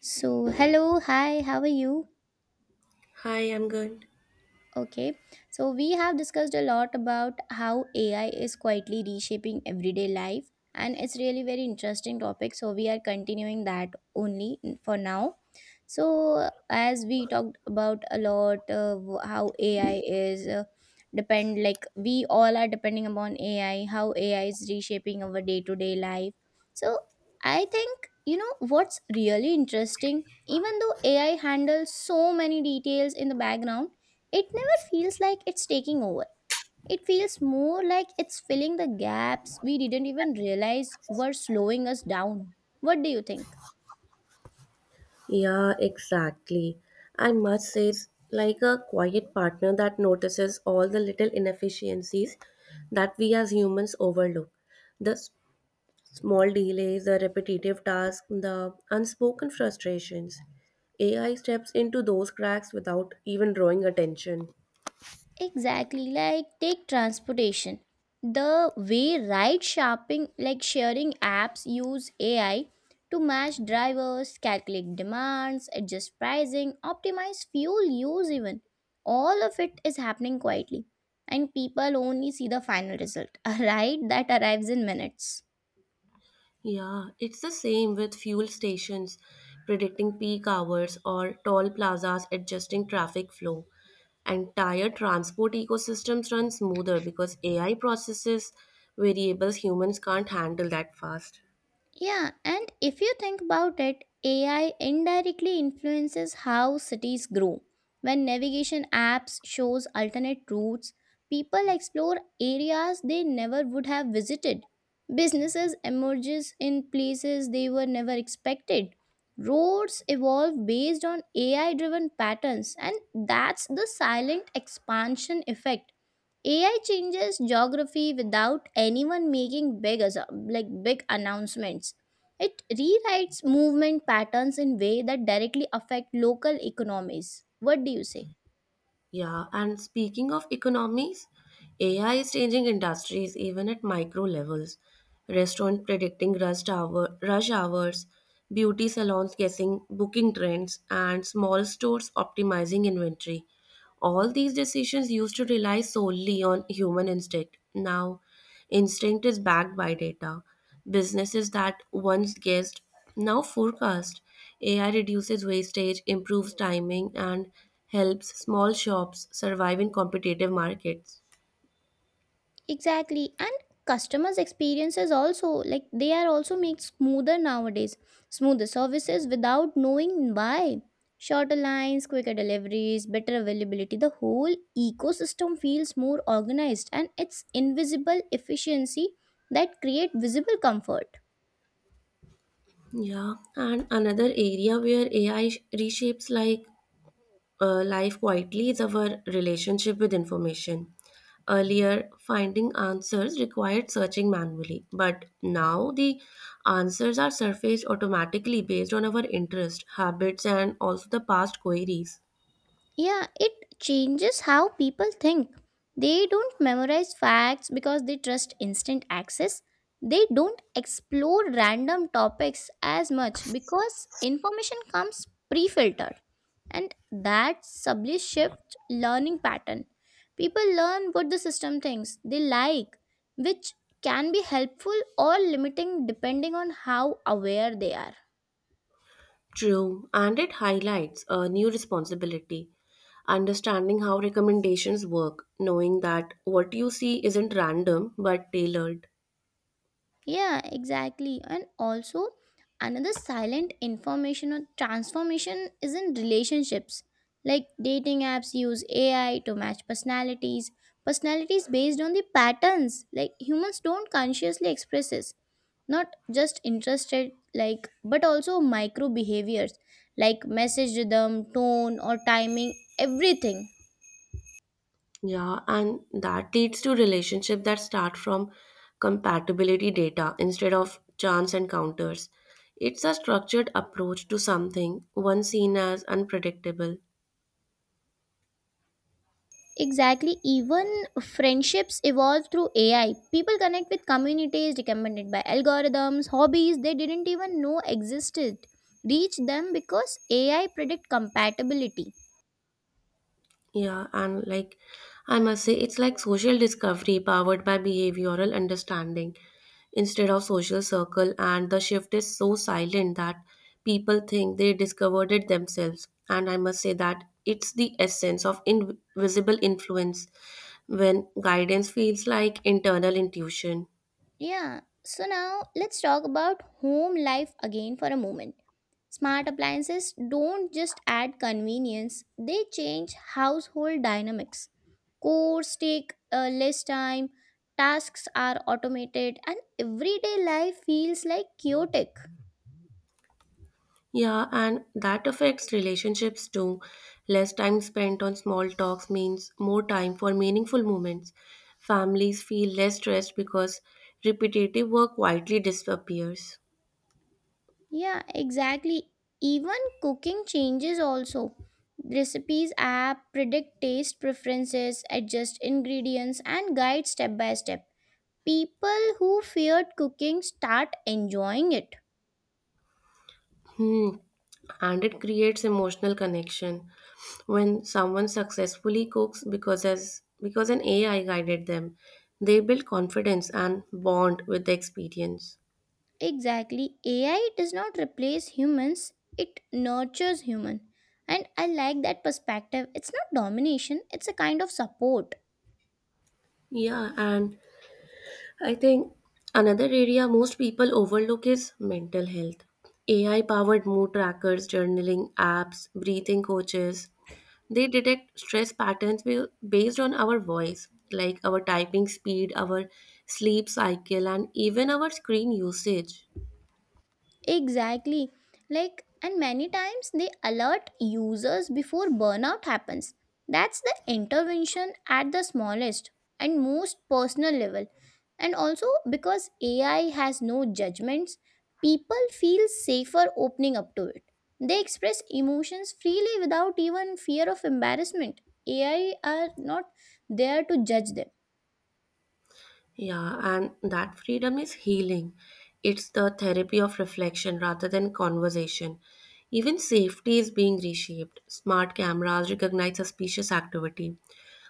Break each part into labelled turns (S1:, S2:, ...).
S1: So, hello, hi, how are you?
S2: Hi, I'm good.
S1: Okay, so we have discussed a lot about how AI is quietly reshaping everyday life, and it's really very interesting topic. So, we are continuing that only for now. So, as we talked about a lot, how AI is depend like we all are depending upon AI, how AI is reshaping our day to day life. So, I think you know what's really interesting, even though AI handles so many details in the background, it never feels like it's taking over. It feels more like it's filling the gaps we didn't even realize were slowing us down. What do you think?
S2: Yeah, exactly. I must say, it's like a quiet partner that notices all the little inefficiencies that we as humans overlook. The s- Small delays, the repetitive tasks, the unspoken frustrations. AI steps into those cracks without even drawing attention.
S1: Exactly, like take transportation. The way ride shopping, like sharing apps, use AI to match drivers, calculate demands, adjust pricing, optimize fuel use, even. All of it is happening quietly, and people only see the final result, a ride that arrives in minutes.
S2: Yeah, it's the same with fuel stations predicting peak hours or toll plazas adjusting traffic flow. Entire transport ecosystems run smoother because AI processes variables humans can't handle that fast.
S1: Yeah, and if you think about it, AI indirectly influences how cities grow. When navigation apps shows alternate routes, people explore areas they never would have visited. Businesses emerges in places they were never expected. Roads evolve based on AI driven patterns, and that's the silent expansion effect. AI changes geography without anyone making like big announcements. It rewrites movement patterns in way that directly affect local economies. What do you say?
S2: Yeah, and speaking of economies, AI is changing industries even at micro levels. Restaurant predicting rush hour, rush hours, beauty salons guessing booking trends, and small stores optimizing inventory. All these decisions used to rely solely on human instinct. Now, instinct is backed by data. Businesses that once guessed now forecast. AI reduces wastage, improves timing, and helps small shops survive in competitive markets.
S1: Exactly. And customers' experiences also, like they are also made smoother nowadays. Smoother services without knowing why. Shorter lines, quicker deliveries, better availability. The whole ecosystem feels more organized, and it's invisible efficiency that create visible comfort.
S2: Yeah, and another area where AI reshapes life quietly is our relationship with information. Earlier, finding answers required searching manually, but now the answers are surfaced automatically based on our interest, habits, and also the past queries.
S1: Yeah, it changes how people think. They don't memorize facts because they trust instant access. They don't explore random topics as much because information comes pre filtered. And that subtly shifts learning pattern. People learn what the system thinks they like, which can be helpful or limiting depending on how aware they are.
S2: True, and it highlights a new responsibility. Understanding how recommendations work, knowing that what you see isn't random but tailored.
S1: Yeah, exactly. And also, another silent information or transformation is in relationships. Like dating apps use AI to match personalities, personalities based on the patterns. Like humans don't consciously express this, not just interested, like, but also micro behaviors like message rhythm, tone, or timing, everything.
S2: Yeah, and that leads to relationship that start from compatibility data instead of chance encounters. It's a structured approach to something once seen as unpredictable.
S1: Exactly. Even friendships evolve through AI. People connect with communities recommended by algorithms, hobbies they didn't even know existed. Reach them because AI predict compatibility.
S2: Yeah, and like I must say, it's like social discovery powered by behavioral understanding instead of social circle, and the shift is so silent that people think they discovered it themselves. And I must say that it's the essence of invisible influence when guidance feels like internal intuition.
S1: Yeah. So now let's talk about home life again for a moment. Smart appliances don't just add convenience, they change household dynamics. Course take less time, tasks are automated, and everyday life feels like chaotic.
S2: Yeah, and that affects relationships too. Less time spent on small talks means more time for meaningful moments. Families feel less stressed because repetitive work quietly disappears.
S1: Yeah, exactly. Even cooking changes also. Recipes app predict taste preferences, adjust ingredients, and guide step by step. People who feared cooking start enjoying it.
S2: Hmm. And it creates emotional connection when someone successfully cooks because an AI guided them, they build confidence and bond with the experience.
S1: Exactly. AI does not replace humans, it nurtures human. And I like that perspective. It's not domination, it's a kind of support.
S2: Yeah, and I think another area most people overlook is mental health. AI powered mood trackers, journaling apps, breathing coaches, they detect stress patterns based on our voice, like our typing speed, our sleep cycle, and even our screen usage.
S1: Exactly. Like, and many times they alert users before burnout happens. That's the intervention at the smallest and most personal level. And also, because AI has no judgments, people feel safer opening up to it. They express emotions freely without even fear of embarrassment. AI are not there to judge them.
S2: Yeah, and that freedom is healing. It's the therapy of reflection rather than conversation. Even safety is being reshaped. Smart cameras recognize suspicious activity.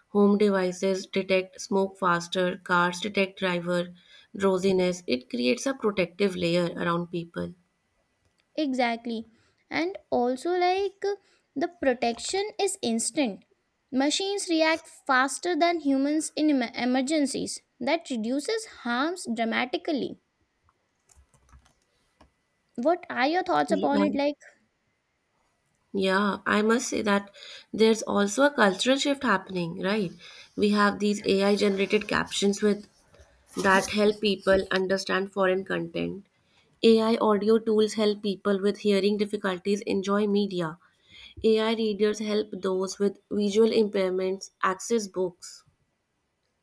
S2: Home devices detect smoke faster, cars detect driver drowsiness. It creates a protective layer around people.
S1: Exactly. And also, like, the protection is instant. Machines react faster than humans in emergencies. That reduces harms dramatically. What are your thoughts upon
S2: Yeah,
S1: it? Like,
S2: yeah, I must say that there's also a cultural shift happening, right? We have these AI generated captions with that help people understand foreign content. AI audio tools help people with hearing difficulties enjoy media. AI readers help those with visual impairments access books.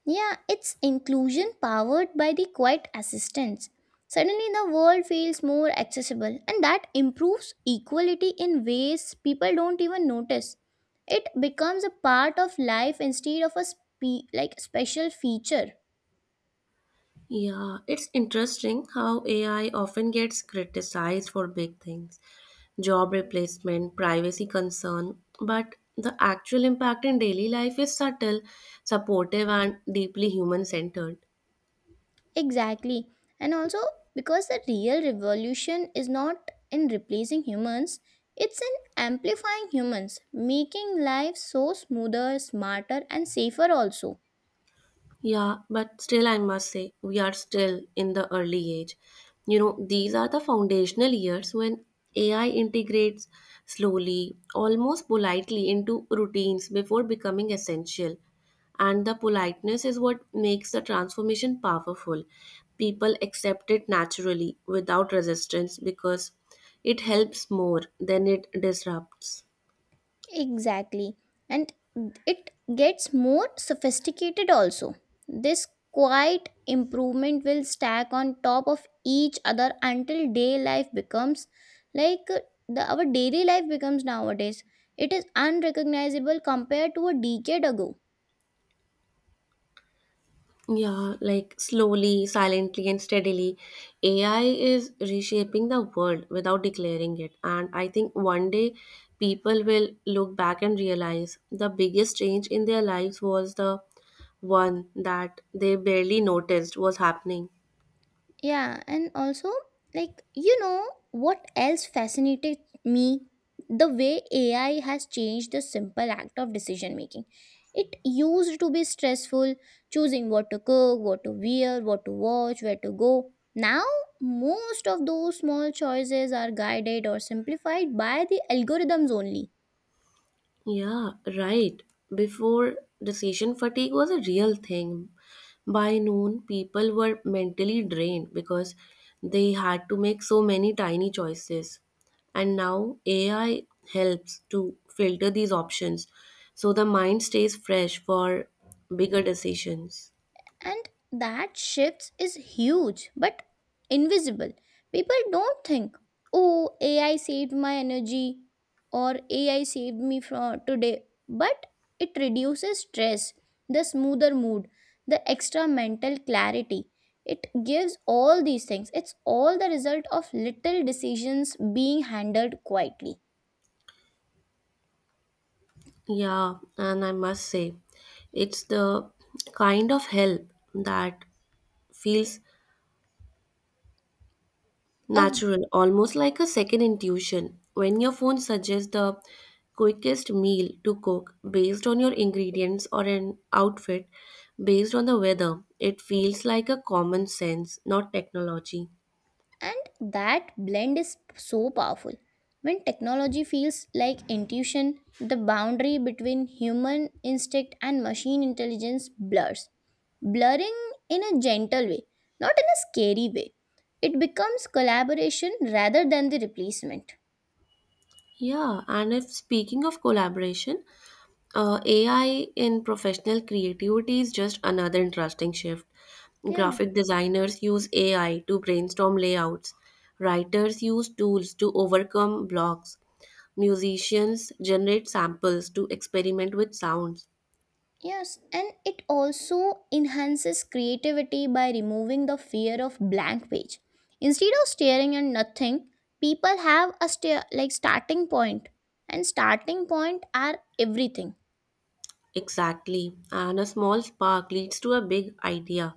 S1: yeah, it's inclusion powered by the quiet assistance. Suddenly, the world feels more accessible, and that improves equality in ways people don't even notice. It becomes a part of life instead of a like special feature.
S2: Yeah, it's interesting how AI often gets criticized for big things, job replacement, privacy concern, but the actual impact in daily life is subtle, supportive, and deeply human centered.
S1: Exactly. And also, because the real revolution is not in replacing humans, it's in amplifying humans, making life so smoother, smarter, and safer also.
S2: Yeah, but still, I must say, we are still in the early age. You know, these are the foundational years when AI integrates slowly, almost politely, into routines before becoming essential. And the politeness is what makes the transformation powerful. People accept it naturally without resistance because it helps more than it disrupts.
S1: Exactly. And it gets more sophisticated also. This quiet improvement will stack on top of each other until day life becomes like our daily life becomes nowadays. It is unrecognizable compared to a decade ago.
S2: Yeah, like slowly, silently, and steadily, AI is reshaping the world without declaring it. And I think one day people will look back and realize the biggest change in their lives was the one that they barely noticed was happening.
S1: Yeah, and also, like, you know, what else fascinated me? The way AI has changed the simple act of decision making. It used to be stressful, choosing what to cook, what to wear, what to watch, where to go. Now, most of those small choices are guided or simplified by the algorithms only.
S2: Yeah, right. Before, decision fatigue was a real thing. By noon, people were mentally drained because they had to make so many tiny choices. And now AI helps to filter these options so the mind stays fresh for bigger decisions.
S1: And that shift is huge, but invisible. People don't think, oh, AI saved my energy or AI saved me from today, but it reduces stress, the smoother mood, the extra mental clarity it gives. All these things, it's all the result of little decisions being handled quietly.
S2: Yeah, and I must say, it's the kind of help that feels
S1: A
S2: natural, almost like a second intuition. When your phone suggests the quickest meal to cook based on your ingredients or an outfit based on the weather, it feels like a common sense, not technology.
S1: And that blend is so powerful. When technology feels like intuition, the boundary between human instinct and machine intelligence blurs. Blurring in a gentle way, not in a scary way. It becomes collaboration rather than the replacement.
S2: Yeah, and if speaking of collaboration, AI in professional creativity is just another interesting shift.
S1: Yeah.
S2: Graphic designers use AI to brainstorm layouts, writers use tools to overcome blocks, musicians generate samples to experiment with sounds.
S1: Yes, and it also enhances creativity by removing the fear of blank page. Instead of staring at nothing, people have a stare like starting point, and starting point are everything.
S2: Exactly, and a small spark leads to a big idea.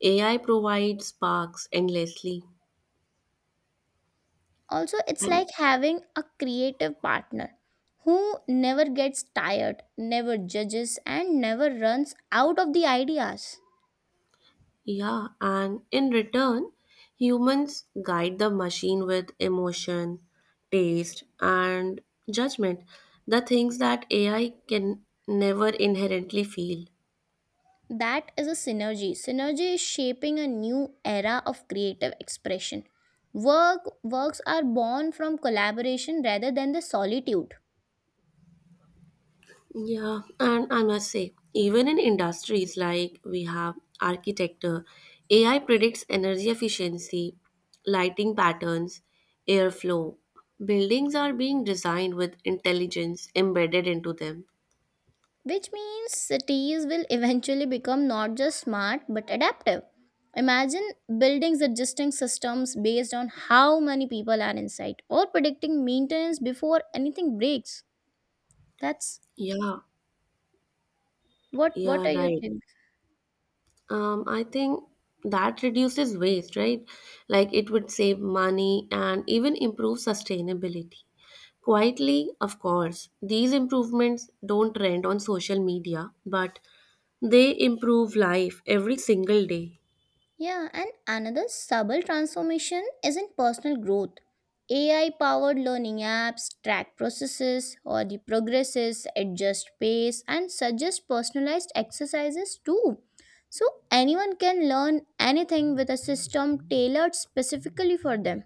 S2: AI provides sparks endlessly.
S1: Also, it's like having a creative partner who never gets tired, never judges, and never runs out of the ideas.
S2: Yeah, and in return, humans guide the machine with emotion, taste, and judgment, the things that AI can never inherently feel.
S1: That is a synergy. Synergy is shaping a new era of creative expression. Works are born from collaboration rather than the solitude,
S2: Yeah, and I must say, even in industries like we have architecture, AI predicts energy efficiency, lighting patterns, airflow. Buildings are being designed with intelligence embedded into them.
S1: which means cities will eventually become not just smart but adaptive. Imagine buildings adjusting systems based on how many people are inside or predicting maintenance before anything breaks. That's
S2: Yeah,
S1: what
S2: yeah,
S1: are you
S2: right.
S1: thinking?
S2: I think that reduces waste, right? Like it would save money and even improve sustainability. Quietly, of course, these improvements don't trend on social media, but they improve life every single day.
S1: Yeah, and another subtle transformation is in personal growth. AI powered learning apps track processes or the progresses, adjust pace, and suggest personalized exercises too. So anyone can learn anything with a system tailored specifically for them.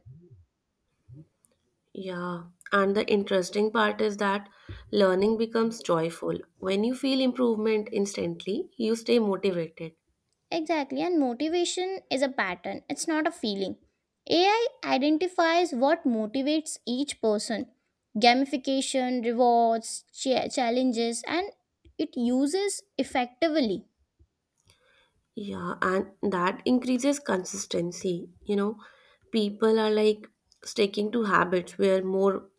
S2: Yeah. And the interesting part is that learning becomes joyful. When you feel improvement instantly, you stay motivated.
S1: Exactly, and motivation is a pattern, it's not a feeling. AI identifies what motivates each person gamification, rewards, challenges, and it uses effectively.
S2: Yeah, and that increases consistency. You know, people are like sticking to habits where more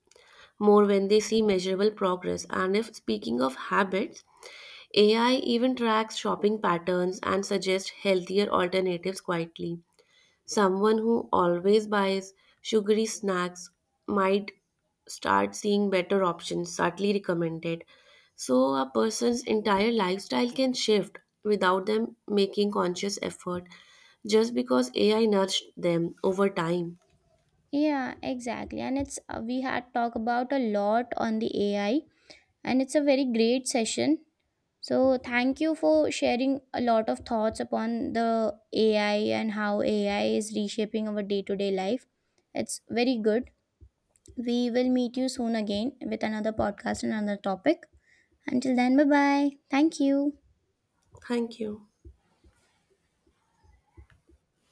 S2: more when they see measurable progress. And if speaking of habits, AI even tracks shopping patterns and suggests healthier alternatives quietly. Someone who always buys sugary snacks might start seeing better options subtly recommended. So, a person's entire lifestyle can shift without them making conscious effort just because AI nudged them over time.
S1: Yeah, exactly. And it's we had talked about a lot on the AI, and it's a very great session. So, thank you for sharing a lot of thoughts upon the AI and how AI is reshaping our day to day life. It's very good. We will meet you soon again with another podcast and another topic. Until then, bye bye. Thank you.
S2: Thank you.